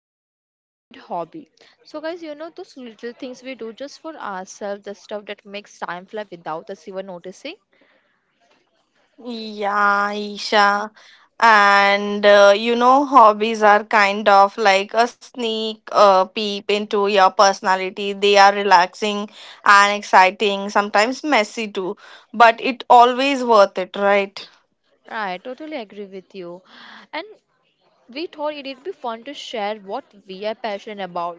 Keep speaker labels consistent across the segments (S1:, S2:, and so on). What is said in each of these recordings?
S1: which is our favorite hobby. So, guys, you know, those little things we do just for ourselves, the stuff that makes time fly without us even noticing.
S2: Yeah, Isha. And you know, hobbies are kind of like a sneak peep into your personality. They are relaxing and exciting, sometimes messy too, but it always worth it, right?
S1: Right, totally agree with you. And we thought it'd be fun to share what we are passionate about,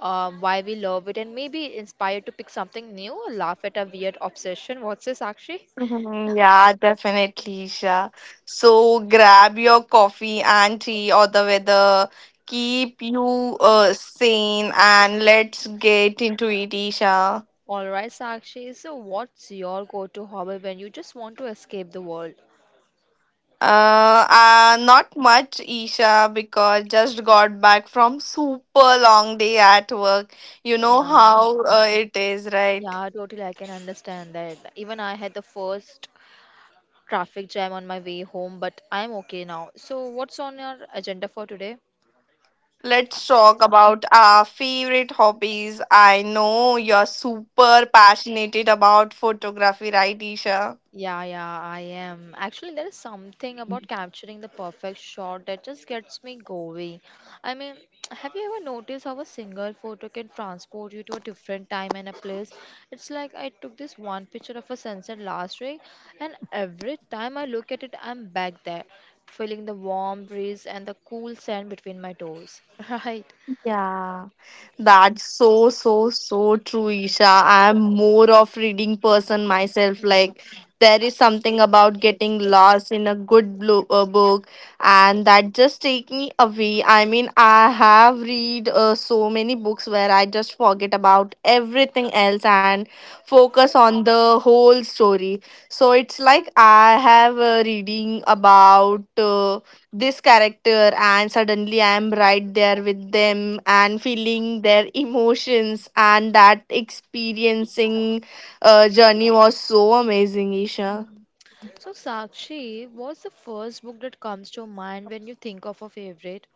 S1: why we love it, and maybe inspired to pick something new or laugh at a weird obsession. What's this, Sakshi?
S2: Mhm. Yeah, definitely, Isha. So grab your coffee and tea or the weather. Keep you sane and let's get into it, Isha.
S1: All right, Sakshi. So, what's your go-to hobby when you just want to escape the world?
S2: Not much, Isha, because just got back from super long day at work. You
S1: Yeah,
S2: know how it is, right?
S1: yeah, totally. I can understand that. Even I had the first traffic jam on my way home, but I'm okay now. So, what's on your agenda for today?
S2: Let's talk about our favorite hobbies. I know you're super passionate about photography, right, Isha?
S1: Yeah, yeah, I am. Actually, there is something about capturing the perfect shot that just gets me going. I mean, have you ever noticed how a single photo can transport you to a different time and a place? It's like I took this one picture of a sunset last week, and every time I look at it, I'm back there, feeling the warm breeze and the cool sand between my toes. Right.
S2: Yeah, that's so true, Isha. I am more of reading person myself. Like there is something about getting lost in a good book, and that just take me away. I mean, I have read so many books where I just forget about everything else and focus on the whole story. So it's like I have reading about. This character, and suddenly I am right there with them and feeling their emotions and that experiencing journey was so amazing, isha.
S1: Mm. So, Sakshi, what's the first book that comes to mind when you think of a favorite?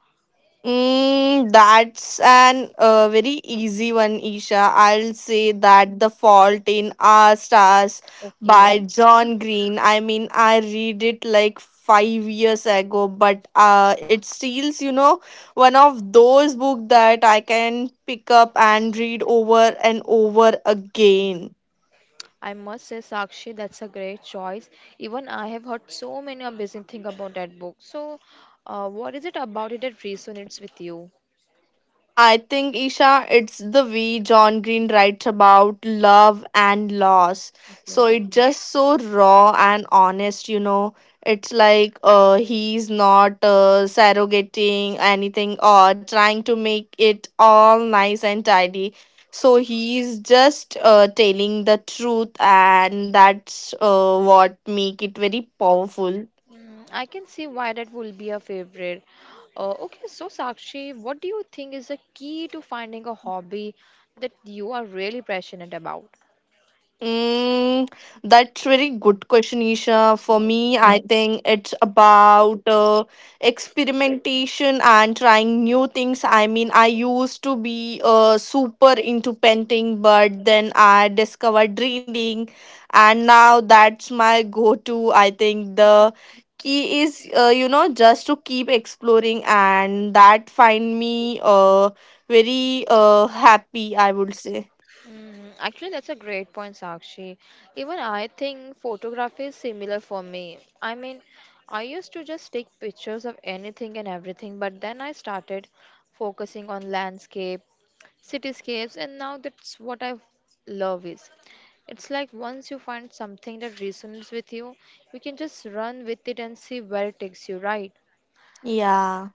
S2: Mm, that's an very easy one, Isha. I'll say that The Fault in Our Stars by
S1: Okay.
S2: John Green. I mean, I read it like 5 years ago, but it steals, you know, one of those books that I can pick up and read over and over again.
S1: I must say, Sakshi, that's a great choice. Even I have heard so many amazing things about that book. So, what is it about it that resonates with you?
S2: I think, Isha, it's the way John Green writes about love and loss. So
S1: Okay.
S2: it's just so raw and honest, you know. It's like he's not surrogating anything or trying to make it all nice and tidy. So he's just telling the truth, and that's what make it very powerful.
S1: Mm, I can see why that will be a favorite. Okay, so Sakshi, what do you think is the key to finding a hobby that you are really passionate about?
S2: Mm, that's very good question, Isha. For me,
S1: Yes.
S2: I think it's about experimentation and trying new things. I mean, I used to be super into painting, but then I discovered reading, and now that's my go-to. I think the key is, you know, just to keep exploring, and that find me very happy, I would say.
S1: Mm, actually, that's a great point, Sakshi. Even I think photography is similar for me. I mean, I used to just take pictures of anything and everything, but then I started focusing on landscape, cityscapes, and now that's what I love is. It's like once you find something that resonates with you, you can just run with it and see where it takes you, right?
S2: Yeah,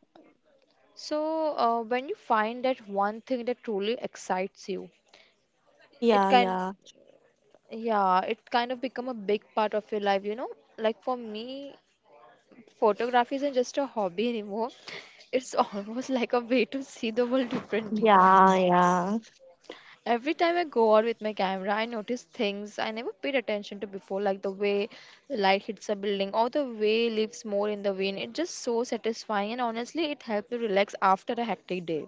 S1: So, when you find that one thing that truly excites you,
S2: yeah,
S1: it can
S2: yeah.
S1: Yeah, it kind of become a big part of your life, you know? Like for me, photography isn't just a hobby anymore. It's almost like a way to see the world differently.
S2: Yeah, yeah,
S1: Every time I go out with my camera, I notice things I never paid attention to before, like the way the light hits a building or the way leaves more in the wind. It's just so satisfying and honestly, it helps me relax after a hectic day.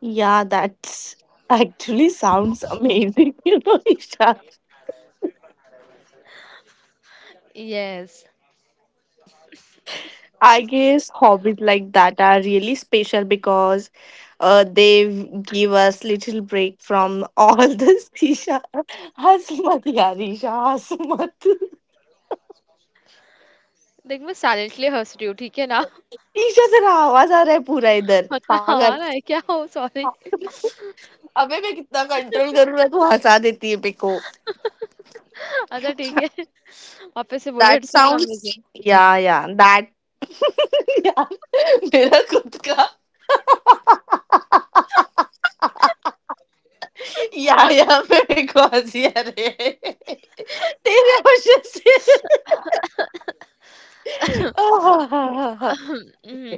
S2: yeah. That's actually sounds amazing, you know, Isha.
S1: Yes.
S2: I guess hobbies like that are really special because give us little break from all this. Isha, हंस मत यार ईशा हंस मत
S1: देख मैं silently हंस रही हूँ ठीक है ना
S2: ईशा तेरा आवाज आ रहा है पूरा इधर
S1: अच्छा
S2: पागल
S1: हाँ ना क्या हो सॉरी
S2: अबे मैं कितना कंट्रोल कर रहा तू हंसा देती है मेरे को
S1: अच्छा ठीक है। वापस से बोले
S2: that
S1: it's sound
S2: sounds
S1: amazing.
S2: या दैट यार मेरा खुद का Ja, ja, very good. Ja, det är det jag f ö r s e r a.
S1: Hmm,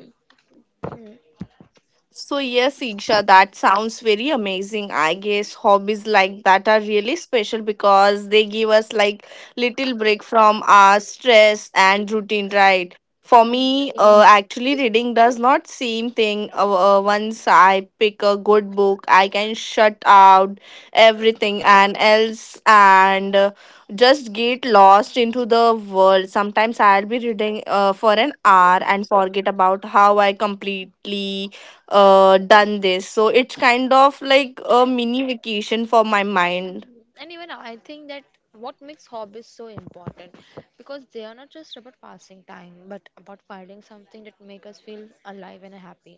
S2: So, yes, Isha, that sounds very amazing. I guess hobbies like that are really special because they give us like little break from our stress and routine, right? For
S1: hmm.
S2: me, actually, reading does not seem thing. Once I pick a good book, I can shut out everything and else and just get lost into the world. Sometimes I'll be reading for an hour and forget about how I completely done this. So it's kind of like a mini vacation for my mind.
S1: And even I think that what makes hobbies so important because they are not just about passing time but about finding something that make us feel alive and happy.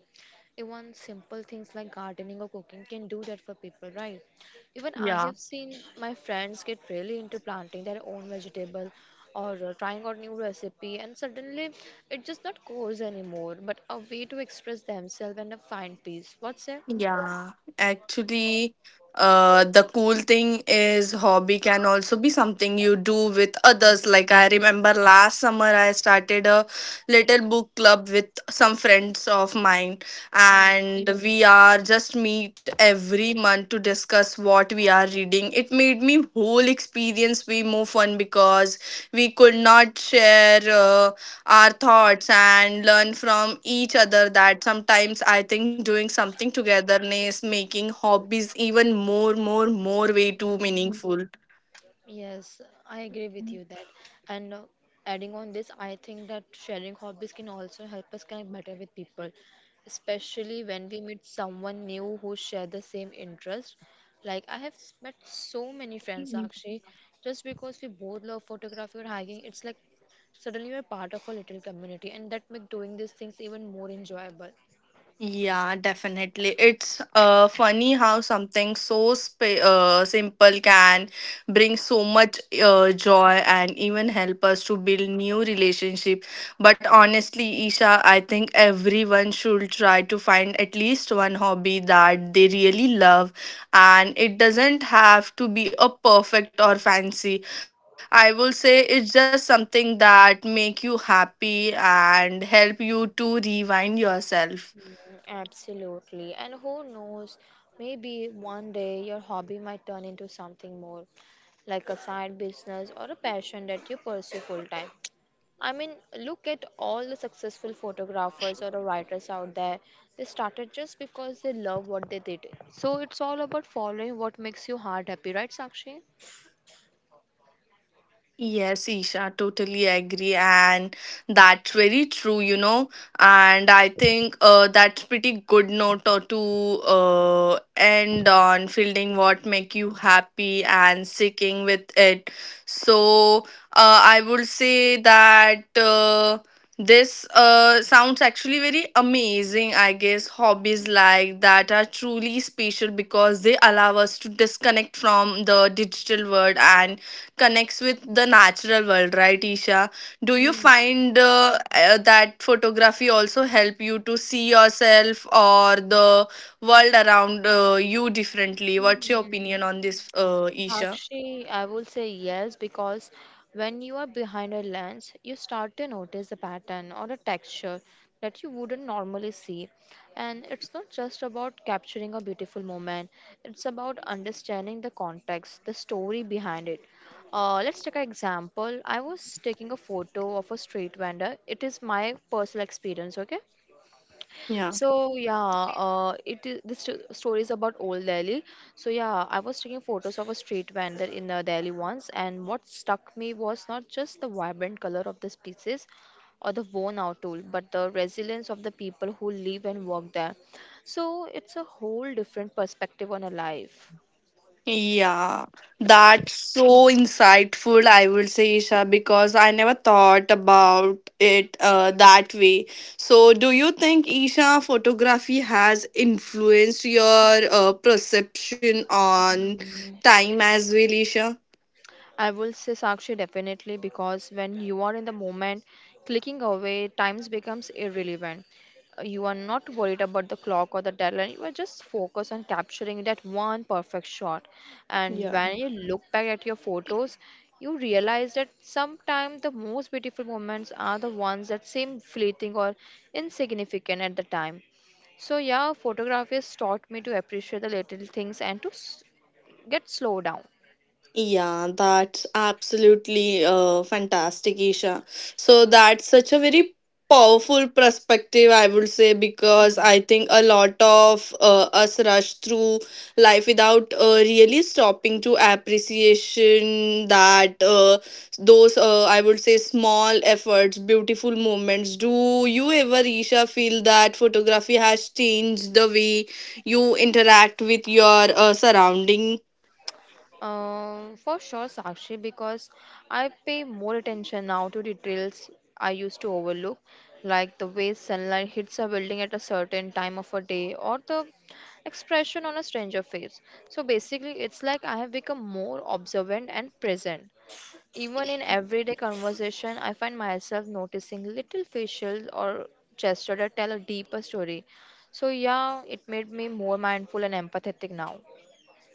S1: Even simple things like gardening or cooking can do that for people, right? Even I
S2: Yeah.
S1: have seen my friends get really into planting their own vegetable or trying out new recipe, and suddenly it's just not chores anymore but a way to express themselves and find peace. What's
S2: Yeah, actually, the cool thing is hobby can also be something you do with others. Like I remember last summer I started a little book club with some friends of mine, and we are just meet every month to discuss what we are reading. It made me whole experience way more fun because we could not share. Our thoughts and learn from each other, that sometimes I think doing something togetherness making hobbies even more way too
S1: it?
S2: meaningful.
S1: Yes, I agree with you that. And adding on this, I think that sharing hobbies can also help us connect better with people, especially when we meet someone new who share the same interest. Like I have met so many friends actually, just because we both love photography or hiking. It's like suddenly we're part of a little community, and that make doing these things even more enjoyable.
S2: Yeah, definitely. It's funny how something so simple can bring so much joy and even help us to build new relationship. But honestly, Isha, I think everyone should try to find at least one hobby that they really love, and it doesn't have to be a perfect or fancy. I will say it's just something that make you happy and help you to rewind yourself.
S1: Absolutely. And who knows, maybe one day your hobby might turn into something more, like a side business or a passion that you pursue full time. I mean, look at all the successful photographers or the writers out there. They started just because they love what they did. So it's all about following what makes your heart happy, right, Sakshi?
S2: Yes, Isha, totally agree. And that's very true, you know. And I think that's pretty good note or to end on fielding what make you happy and sticking with it. So I would say that this sounds actually very amazing. I guess hobbies like that are truly special because they allow us to disconnect from the digital world and connects with the natural world, right, Isha? Do you
S1: Mm.
S2: find that photography also help you to see yourself or the world around you differently? What's your opinion on this, Isha?
S1: Sakshi, I will say yes because when you are behind a lens, you start to notice a pattern or a texture that you wouldn't normally see. And it's not just about capturing a beautiful moment, it's about understanding the context, the story behind it. Let's take an example. I was taking a photo of a street vendor. It is my personal experience, okay?
S2: Yeah.
S1: So yeah, it is story is about old Delhi. So yeah, I was taking photos of a street vendor in Delhi once, and what struck me was not just the vibrant color of the pieces or the worn-out tool, but the resilience of the people who live and work there. So it's a whole different perspective on a life.
S2: Yeah, that's so insightful, I would say, Isha, because I never thought about it that way. So, do you think, Isha, photography has influenced your perception on time as well, Isha?
S1: I will say Sakshi definitely because when you are in the moment, clicking away, times becomes irrelevant. You are not worried about the clock or the deadline. You are just focused on capturing that one perfect shot. And
S2: Yeah.
S1: when you look back at your photos, you realize that sometimes the most beautiful moments are the ones that seem fleeting or insignificant at the time. So yeah, photography has taught me to appreciate the little things and to get slow down.
S2: Yeah, that's absolutely fantastic, Isha. So that's such a very powerful perspective, I would say, because I think a lot of us rush through life without really stopping to appreciation that those, I would say, small efforts, beautiful moments. Do you ever, Isha, feel that photography has changed the way you interact with your surrounding?
S1: For sure, Sakshi, because I pay more attention now to details I used to overlook, like the way sunlight hits a building at a certain time of a day or the expression on a stranger face. So basically, it's like I have become more observant and present. Even in everyday conversation, I find myself noticing little facial or gesture that tell a deeper story. So yeah, it made me more mindful and empathetic now.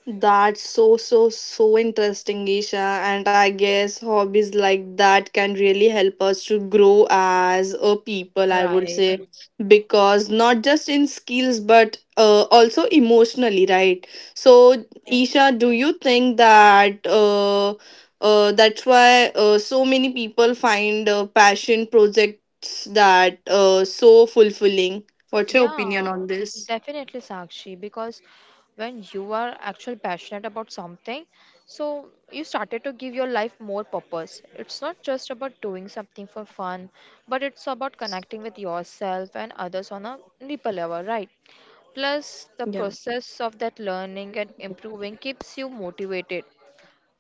S2: That's so interesting, Isha. And I guess hobbies like that can really help us to grow as a people, I would
S1: Right.
S2: say. Mm. Because not just in skills, but also emotionally, right? So, Isha, do you think that that's why so many people find passion projects that so fulfilling? What's your opinion
S1: Yeah,
S2: on this?
S1: definitely, Sakshi, because when you are actually passionate about something, so you started to give your life more purpose. It's not just about doing something for fun, but it's about connecting with yourself and others on a deeper level, right? Plus, the process of that learning and improving keeps you motivated.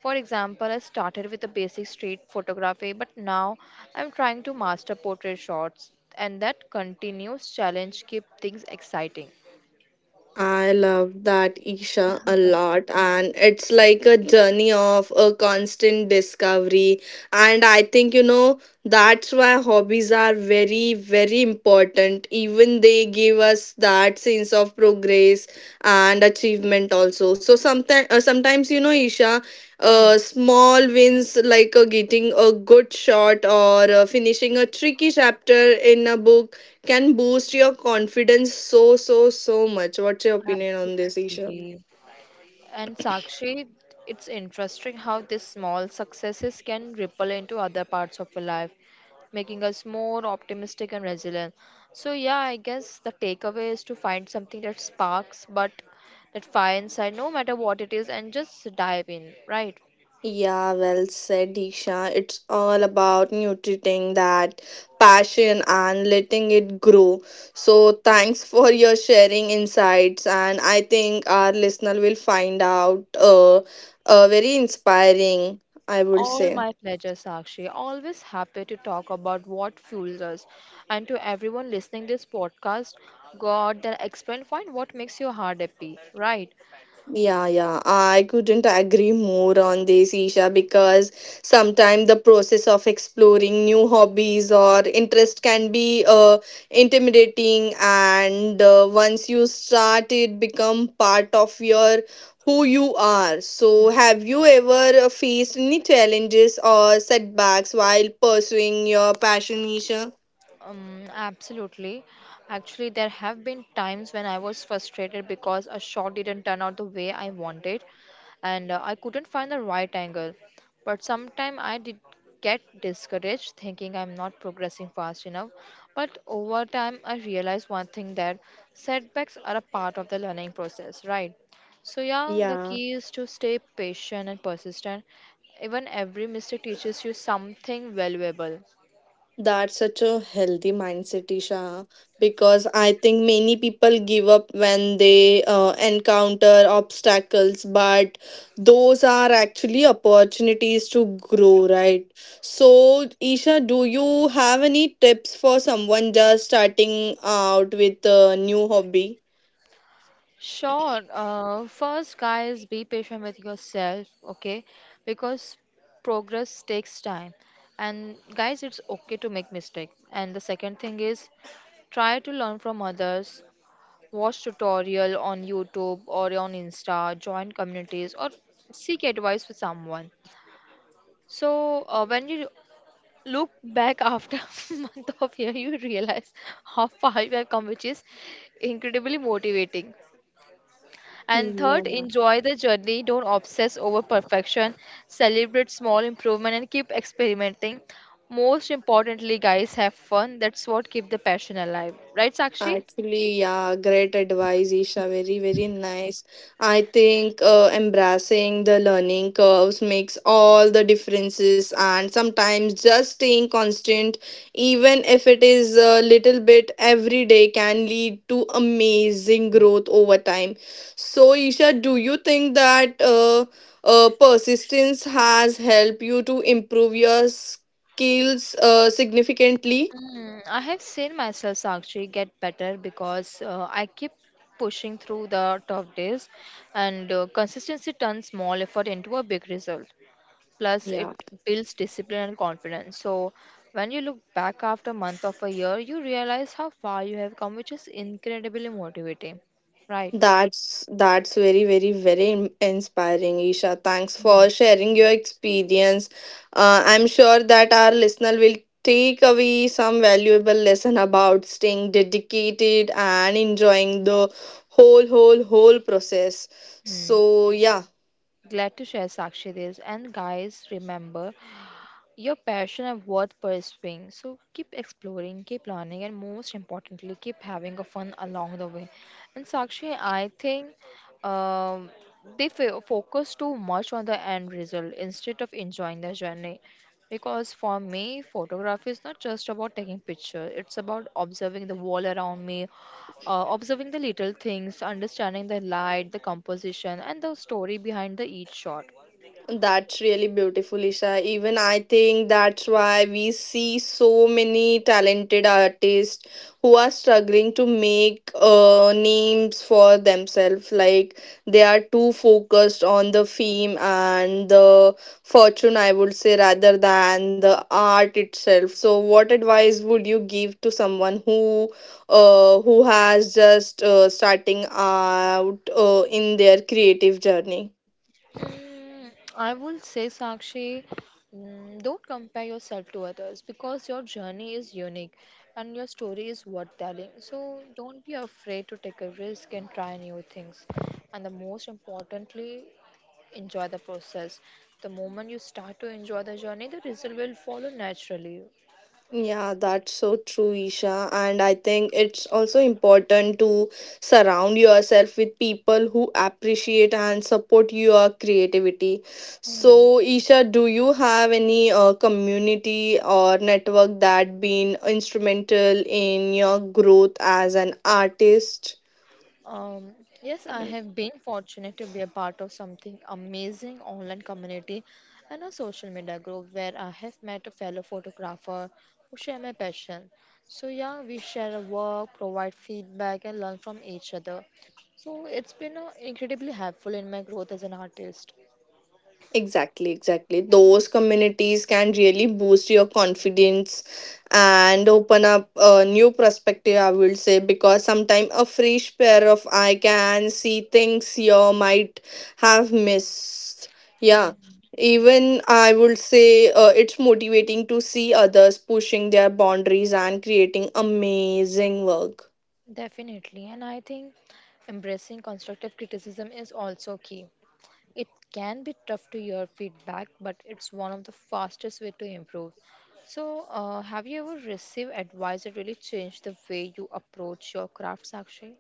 S1: For example, I started with a basic street photography, but now I'm trying to master portrait shots, and that continuous challenge keep things exciting.
S2: I love that Isha a lot, and it's like a journey of a constant discovery. And I think, you know, that's why hobbies are very, very important. Even they give us that sense of progress and achievement, also. So sometimes, you know, Isha,
S1: Hmm,
S2: small wins like getting a good shot or finishing a tricky chapter in a book can boost your confidence so much. What's your opinion on this, Isha?
S1: absolutely. And Sakshi, it's interesting how these small successes can ripple into other parts of your life, making us more optimistic and resilient. So yeah, I guess the takeaway is to find something that sparks, but that fire inside, no matter what it is, and just dive in, right?
S2: Yeah, well said, Isha. It's all about nurturing that passion and letting it grow. So, thanks for your sharing insights, and I think our listener will find out very inspiring. I would
S1: All
S2: say.
S1: my pleasure, Sakshi. Always happy to talk about what fuels us. And to everyone listening this podcast, God, then explain, find what makes your heart happy, right?
S2: Yeah, yeah, I couldn't agree more on this, Isha, because sometimes the process of exploring new hobbies or interest can be intimidating, and once you start, it become part of your who you are. So, have you ever faced any challenges or setbacks while pursuing your passion, Isha?
S1: Absolutely. Actually, there have been times when I was frustrated because a shot didn't turn out the way I wanted, and I couldn't find the right angle. But sometimes I did get discouraged, thinking I'm not progressing fast enough. But over time, I realized one thing that setbacks are a part of the learning process, right? So, yeah,
S2: Yeah.
S1: the key is to stay patient and persistent. Even every mistake teaches you something valuable.
S2: That's such a healthy mindset, Isha, because I think many people give up when they encounter obstacles, but those are actually opportunities to grow, right? So, Isha, do you have any tips for someone just starting out with a new hobby?
S1: Sure. First, guys, be patient with yourself, okay? Because progress takes time. And guys, it's okay to make mistake. And the second thing is try to learn from others. Watch tutorial on YouTube or on Insta, join communities or seek advice with someone. So when you look back after month of year, you realize how far you have come, which is incredibly motivating. And third, enjoy the journey. Don't obsess over perfection. Celebrate small improvement and keep experimenting. Most importantly, guys, have fun. That's what keep the passion alive. Right, Sakshi?
S2: Actually, yeah, great advice, Isha. Very, very nice. I think embracing the learning curves makes all the differences, and sometimes just staying constant, even if it is a little bit every day, can lead to amazing growth over time. So, Isha, do you think that persistence has helped you to improve your skills significantly?
S1: Mm, I have seen myself Sakshi get better because I keep pushing through the tough days and consistency turns small effort into a big result. Plus it
S2: Yeah.
S1: builds discipline and confidence. So when you look back after month of a year, you realize how far you have come, which is incredibly motivating, right?
S2: That's very very very inspiring, Isha. Thanks for sharing your experience. I'm sure that our listener will take away some valuable lesson about staying dedicated and enjoying the whole process.
S1: Hmm.
S2: So yeah.
S1: Glad to share sakshi this, and guys, remember your passion and worth pursuing. So keep exploring, keep learning, and most importantly, keep having a fun along the way. And Sakshi, I think um, they focus too much on the end result instead of enjoying the journey. Because for me, photography is not just about taking pictures; it's about observing the world around me, observing the little things, understanding the light, the composition, and the story behind the each shot.
S2: That's really beautiful, Isha. Even I think that's why we see so many talented artists who are struggling to make names for themselves. Like they are too focused on the fame and the fortune, I would say, rather than the art itself. So, what advice would you give to someone who has just starting out in their creative journey?
S1: Mm, I would say, Sakshi, mm, don't compare yourself to others because your journey is unique and your story is worth telling. So don't be afraid to take a risk and try new things. And the most importantly, enjoy the process. The moment you start to enjoy the journey, the result will follow naturally.
S2: Yeah, that's so true, Isha. And I think it's also important to surround yourself with people who appreciate and support your creativity.
S1: Mm.
S2: So, Isha, do you have any community or network that been instrumental in your growth as an artist?
S1: Um, yes, I have been fortunate to be a part of something amazing online community and a social media group where I have met a fellow photographer who share my passion. So yeah, we share our work, provide feedback, and learn from each other. So it's been incredibly helpful in my growth as an artist.
S2: Exactly, exactly. Those communities can really boost your confidence and open up a new perspective, I will say, because sometimes a fresh pair of eye can see things you might have missed. Yeah.
S1: Mm,
S2: Even I would say it's motivating to see others pushing their boundaries and creating amazing work.
S1: definitely, and I think embracing constructive criticism is also key. It can be tough to hear feedback, but it's one of the fastest way to improve. So, have you ever received advice that really changed the way you approach your crafts, actually?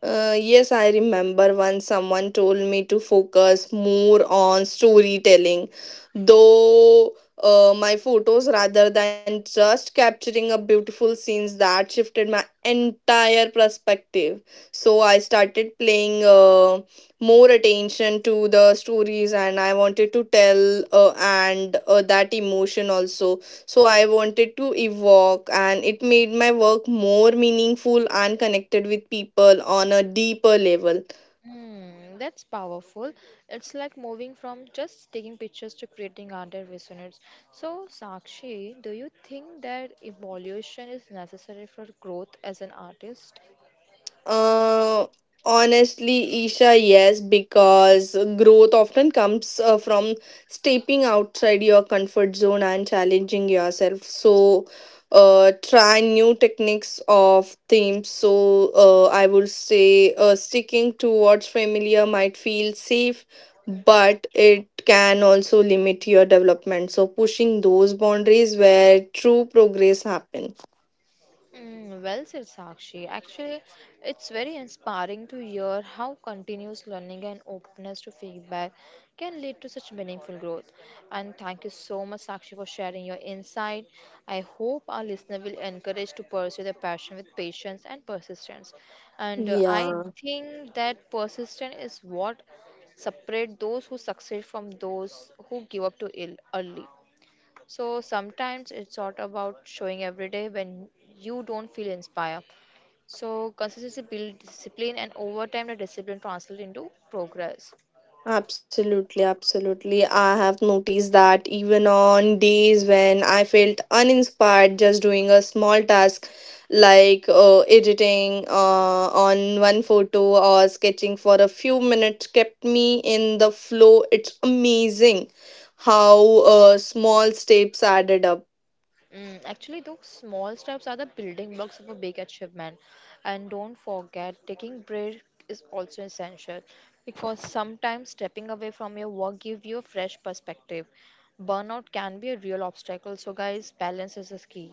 S2: Yes, I remember once someone told me to focus more on storytelling, though my photos rather than just capturing a beautiful scenes that shifted my entire perspective. So I started paying more attention to the stories, and I wanted to tell and that emotion also, so I wanted to evoke, and it made my work more meaningful and connected with people on a deeper level.
S1: Hmm, that's powerful. It's like moving from just taking pictures to creating art that resonates. So, Sakshi, do you think that evolution is necessary for growth as an artist?
S2: Uh, Honestly, Isha, yes, because growth often comes from stepping outside your comfort zone and challenging yourself. So, try new techniques of themes. So, I would say sticking to what's familiar might feel safe, but it can also limit your development. So, pushing those boundaries where true progress happens.
S1: Mm, well said, Sakshi. Actually, it's very inspiring to hear how continuous learning and openness to feedback can lead to such meaningful growth. And thank you so much, Sakshi, for sharing your insight. I hope our listener will encourage to pursue their passion with patience and persistence. And I
S2: Yeah.
S1: think that persistence is what separate those who succeed from those who give up too ill early. So sometimes it's sort of about showing every day when you don't feel inspired. So consistency builds discipline, and over time, the discipline translates into progress.
S2: Absolutely, absolutely. I have noticed that even on days when I felt uninspired, just doing a small task like editing on one photo or sketching for a few minutes kept me in the flow. It's amazing how small steps added up.
S1: Mm, actually, those small steps are the building blocks of a big achievement. And don't forget, taking break is also essential because sometimes stepping away from your work gives you a fresh perspective. Burnout can be a real obstacle, so guys, balance is the key.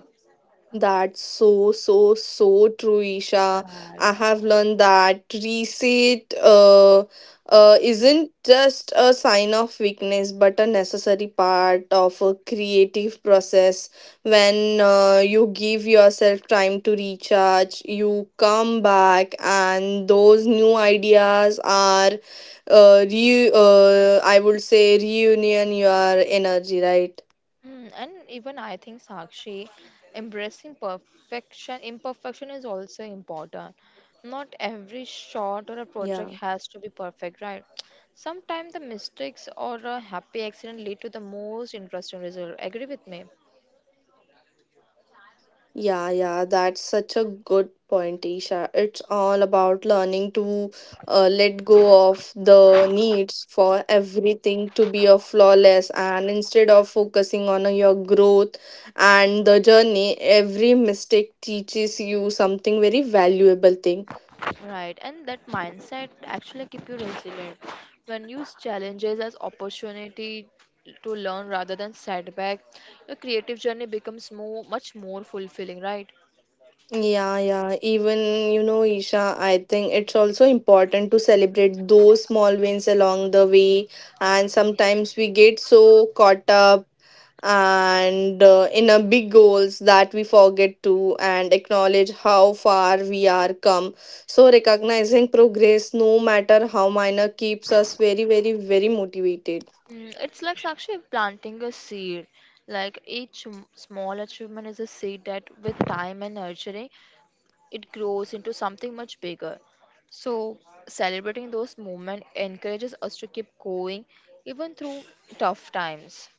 S2: That's so, so, so true, Isha.
S1: Right.
S2: I have learned that reset isn't just a sign of weakness, but a necessary part of a creative process. When you give yourself time to recharge, you come back, and those new ideas are, I would say, reunion your energy, right?
S1: Mm, and even I think Sakshi, embracing perfection, imperfection is also important. Not every
S2: Yeah.
S1: shot or a project has to be perfect, right? Sometimes the mistakes or a happy accident lead to the most interesting result. Agree with me?
S2: Yeah, yeah, that's such a good point, Isha. It's all about learning to let go of the needs for everything to be a flawless, and instead of focusing on your growth and the journey, every mistake teaches you something very valuable thing.
S1: Right, and that mindset actually keep you resilient. When you use challenges as opportunity to learn rather than setback, your creative journey becomes more much more fulfilling, right?
S2: Yeah, yeah. Even, you know, Isha, I think it's also important to celebrate those small wins along the way. And sometimes we get so caught up and in a big goals that we forget to and acknowledge how far we are come, so recognizing progress no matter how minor keeps us very, very, very motivated.
S1: Mm, it's like actually planting a seed. Like each small achievement is a seed that, with time and nurturing, it grows into something much bigger. So, celebrating those moments encourages us to keep going even through tough times,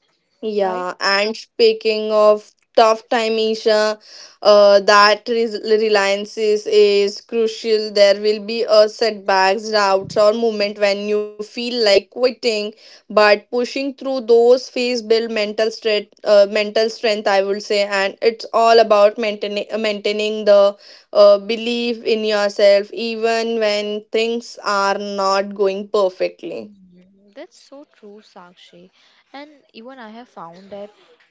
S1: right?
S2: Yeah, and speaking of tough time, Isha, that reliance is crucial. There will be a setbacks, doubts, or moment when you feel like quitting, but pushing through those phase build mental strength. Mental strength, I would say, and it's all about maintaining the belief in yourself, even when things are not going perfectly.
S1: Mm, that's so true, Sakshi. And even I have found that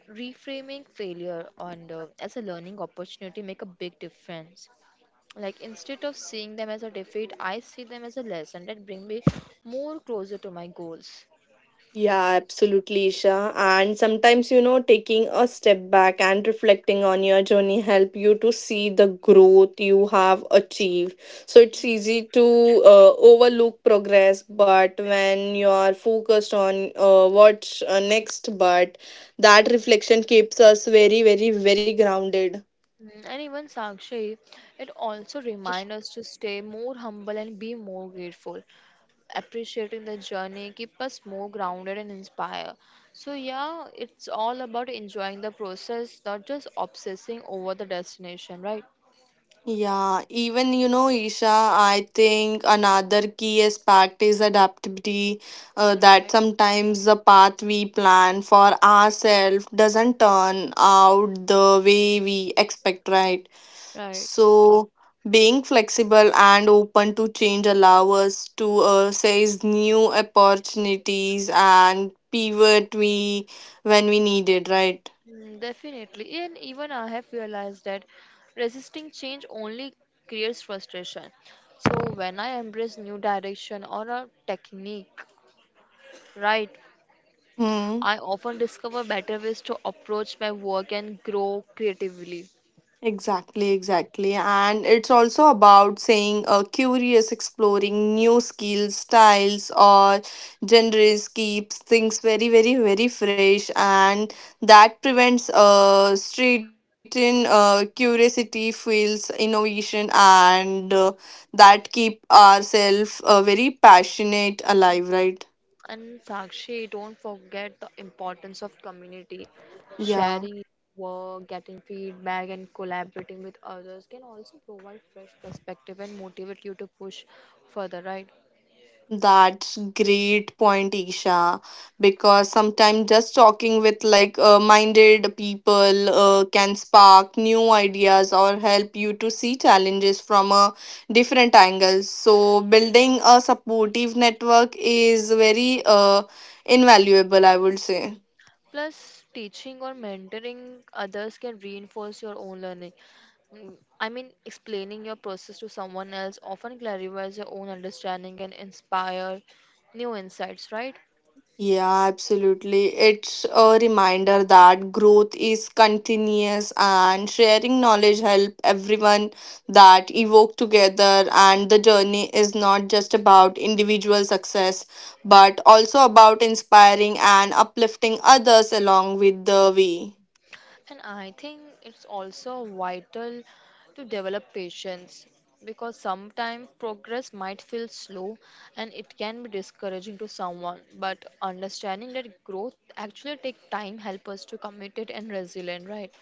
S1: reframing failure on the, as a learning opportunity make a big difference. Like instead of seeing them as a defeat, I see them as a lesson that bring me more closer to my goals.
S2: Yeah, absolutely, Isha. And sometimes, you know, taking a step back and reflecting on your journey help you to see the growth you have achieved. So it's easy to overlook progress, but when you are focused on what's next, but that reflection keeps us very, very, very grounded.
S1: Mm, and even Sakshi, it also reminds us to stay more humble and be more grateful. Appreciating the journey keep us more grounded and inspire. So yeah, it's all about enjoying the process, not just obsessing over the destination, right?
S2: Yeah, even you know, Isha, I think another key aspect is adaptability. That
S1: Right.
S2: sometimes the path we plan for ourselves doesn't turn out the way we expect, right?
S1: Right.
S2: So, being flexible and open to change allow us to seize new opportunities and pivot we when we need it, right?
S1: Mm, definitely. And even I have realized that resisting change only creates frustration. So when I embrace new direction or a technique, right,
S2: Hmm.
S1: I often discover better ways to approach my work and grow creatively.
S2: Exactly, exactly. And it's also about saying curious, exploring new skills, styles, or genres keeps things very, very, very fresh, and that prevents straighten curiosity, fuels innovation, and that keep ourselves very passionate alive, right?
S1: And Sakshi, don't forget the importance of community.
S2: Yeah.
S1: Sharing your work, getting feedback, and collaborating with others can also provide fresh perspective and motivate you to push further, right?
S2: That's great point, Isha. Because sometimes just talking with like minded people can spark new ideas or help you to see challenges from a different angle. So building a supportive network is very invaluable, I would say.
S1: Plus, teaching or mentoring others can reinforce your own learning. Mm, I mean, explaining your process to someone else often clarifies your own understanding and inspire new insights, right?
S2: Yeah, absolutely. It's a reminder that growth is continuous and sharing knowledge help everyone that evoke together, and the journey is not just about individual success but also about inspiring and uplifting others along with the way.
S1: And I think it's also vital to develop patience because sometimes progress might feel slow and it can be discouraging to someone. But understanding that growth actually takes time help us to commit it and resilient, right?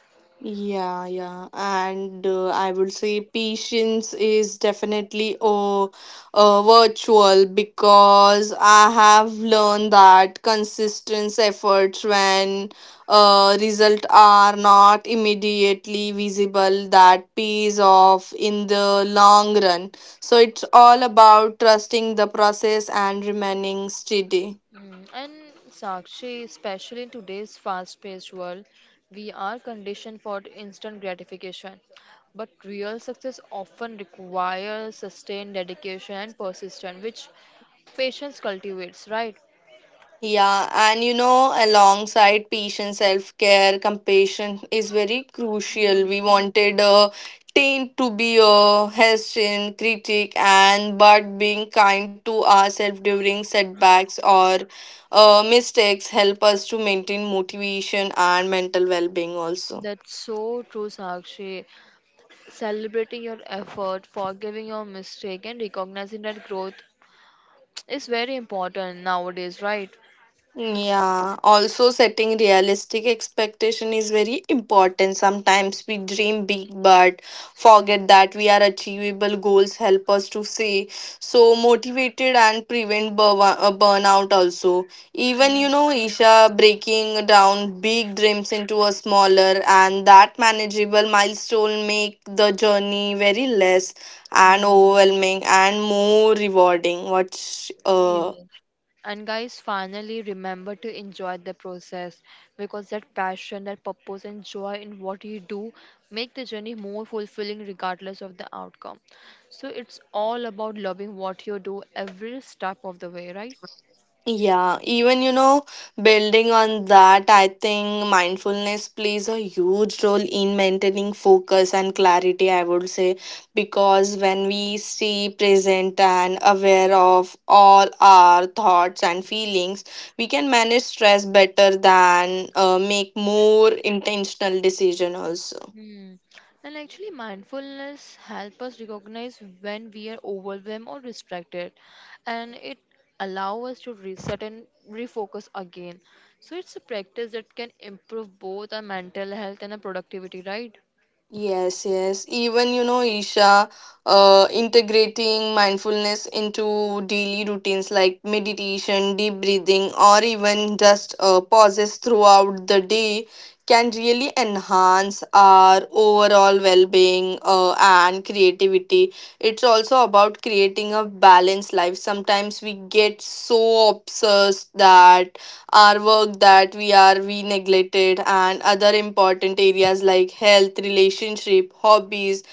S2: Yeah, yeah, and I would say patience is definitely a virtual because I have learned that consistent efforts when results are not immediately visible that pays off in the long run. So it's all about trusting the process and remaining steady.
S1: Mm, and Sakshi, especially in today's fast-paced world, we are conditioned for instant gratification. But real success often requires sustained dedication and persistence, which patience cultivates, right?
S2: Yeah, and you know, alongside patient self care, compassion is very crucial. We wanted a teen to be a Hessian critic, and but being kind to ourselves during setbacks or mistakes help us to maintain motivation and mental well being also.
S1: That's so true, Sakshi. Celebrating your effort, forgiving your mistake, and recognizing that growth is very important nowadays, right?
S2: Yeah, also setting realistic expectation is very important. Sometimes we dream big but forget that we are achievable goals help us to stay so motivated and prevent burnout also. Even
S1: Yeah.
S2: you know Isha, breaking down big dreams into a smaller and that manageable milestone make the journey very less and
S1: Mm.
S2: overwhelming and more rewarding. What's
S1: Yeah. And guys, finally remember to enjoy the process because that passion, that purpose, and joy in what you do make the journey more fulfilling regardless of the outcome. So it's all about loving what you do every step of the way, right?
S2: yeah, even you know, building on that, I think mindfulness plays a huge role in maintaining focus and clarity, I would say, because when we stay present and aware of all our thoughts and feelings, we can manage stress better than make more intentional decision also.
S1: Hmm. And actually, mindfulness help us recognize when we are overwhelmed or distracted, and it allow us to reset and refocus again. So it's a practice that can improve both our mental health and our productivity, right?
S2: Yes, yes. Even, you know, Isha, integrating mindfulness into daily routines like meditation, deep breathing, or even just pauses throughout the day can really enhance our overall well being and creativity. It's also about creating a balanced life. Sometimes we get so obsessed that our work that we neglected and other important areas like health, relationship, hobbies,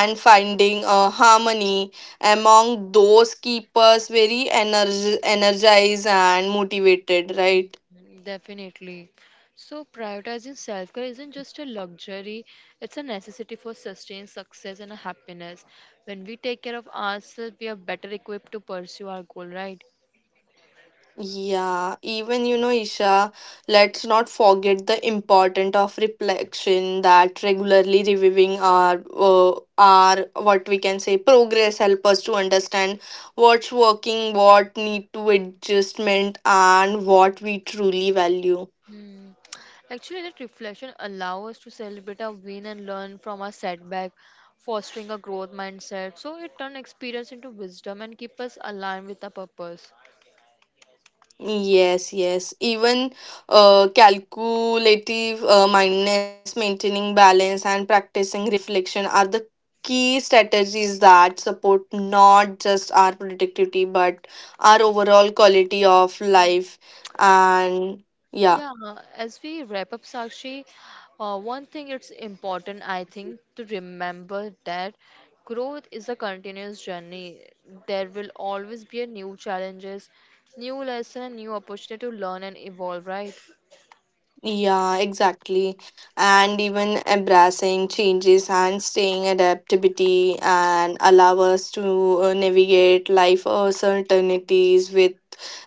S2: and finding a harmony among those keep us very energized and motivated, right?
S1: Mhm, definitely. So, prioritizing self care isn't just a luxury, it's a necessity for sustained success and happiness. When we take care of ourselves, we are better equipped to pursue our goal, right?
S2: Yeah, even you know, Isha, let's not forget the importance of reflection, that regularly reviewing our what we can say progress help us to understand what's working, what need to adjustment, and what we truly value.
S1: Hmm. Actually, that reflection allows us to celebrate our win and learn from our setback, fostering a growth mindset. So it turns experience into wisdom and keep us aligned with our purpose.
S2: Yes, yes. Even calculative mindness, maintaining balance, and practicing reflection are the key strategies that support not just our productivity but our overall quality of life. And yeah.
S1: Yeah, as we wrap up, Sakshi, one thing it's important, I think, to remember that growth is a continuous journey. There will always be a new challenges, new lesson, and new opportunity to learn and evolve, right?
S2: Yeah, exactly. And even embracing changes and staying adaptability and allow us to navigate life uncertainties with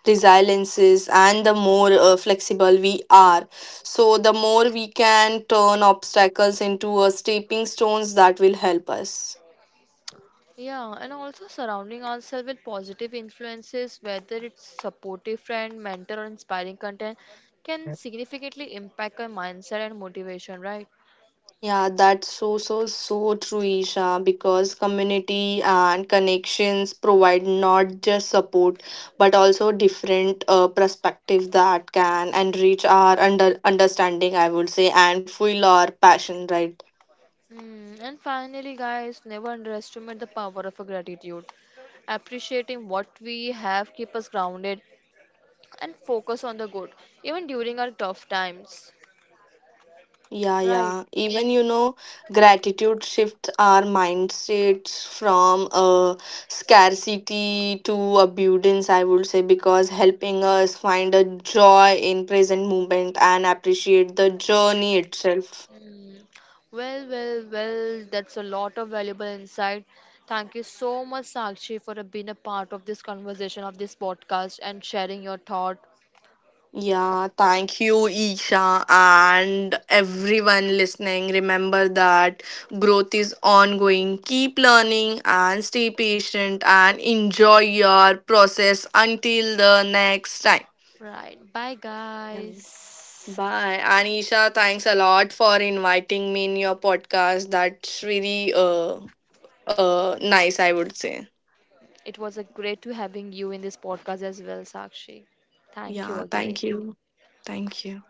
S2: resiliences, and the more flexible we are. So the more we can turn obstacles into a stepping stones that will help us.
S1: Yeah, and also surrounding ourselves with positive influences, whether it's supportive friend, mentor, or inspiring content, can significantly impact our mindset and motivation, right?
S2: Yeah, that's so, so, so true, Isha, because community and connections provide not just support, but also different perspective that can enrich our understanding, I would say, and fuel our passion, right?
S1: Hmm. And finally, guys, never underestimate the power of a gratitude. Appreciating what we have keep us grounded and focus on the good, even during our tough times,
S2: Yeah,
S1: right?
S2: yeah. Even you know, gratitude shifts our mindsets from scarcity to abundance, I would say, because helping us find a joy in present moment and appreciate the journey itself.
S1: Mm. Well, well, well, that's a lot of valuable insight. Thank you so much, Sakshi, for being a part of this conversation of this podcast and sharing your thought.
S2: Yeah, thank you, Isha, and everyone listening. Remember that growth is ongoing. Keep learning and stay patient and enjoy your process until the next time.
S1: Right. Bye,
S2: Yeah.
S1: guys.
S2: Bye. And Isha, thanks a lot for inviting me in your podcast. That's really
S1: Um,
S2: nice, I would say.
S1: it was a great to having you in this podcast as well, Sakshi. Thank you
S2: Yeah, thank
S1: again.
S2: you. Thank you.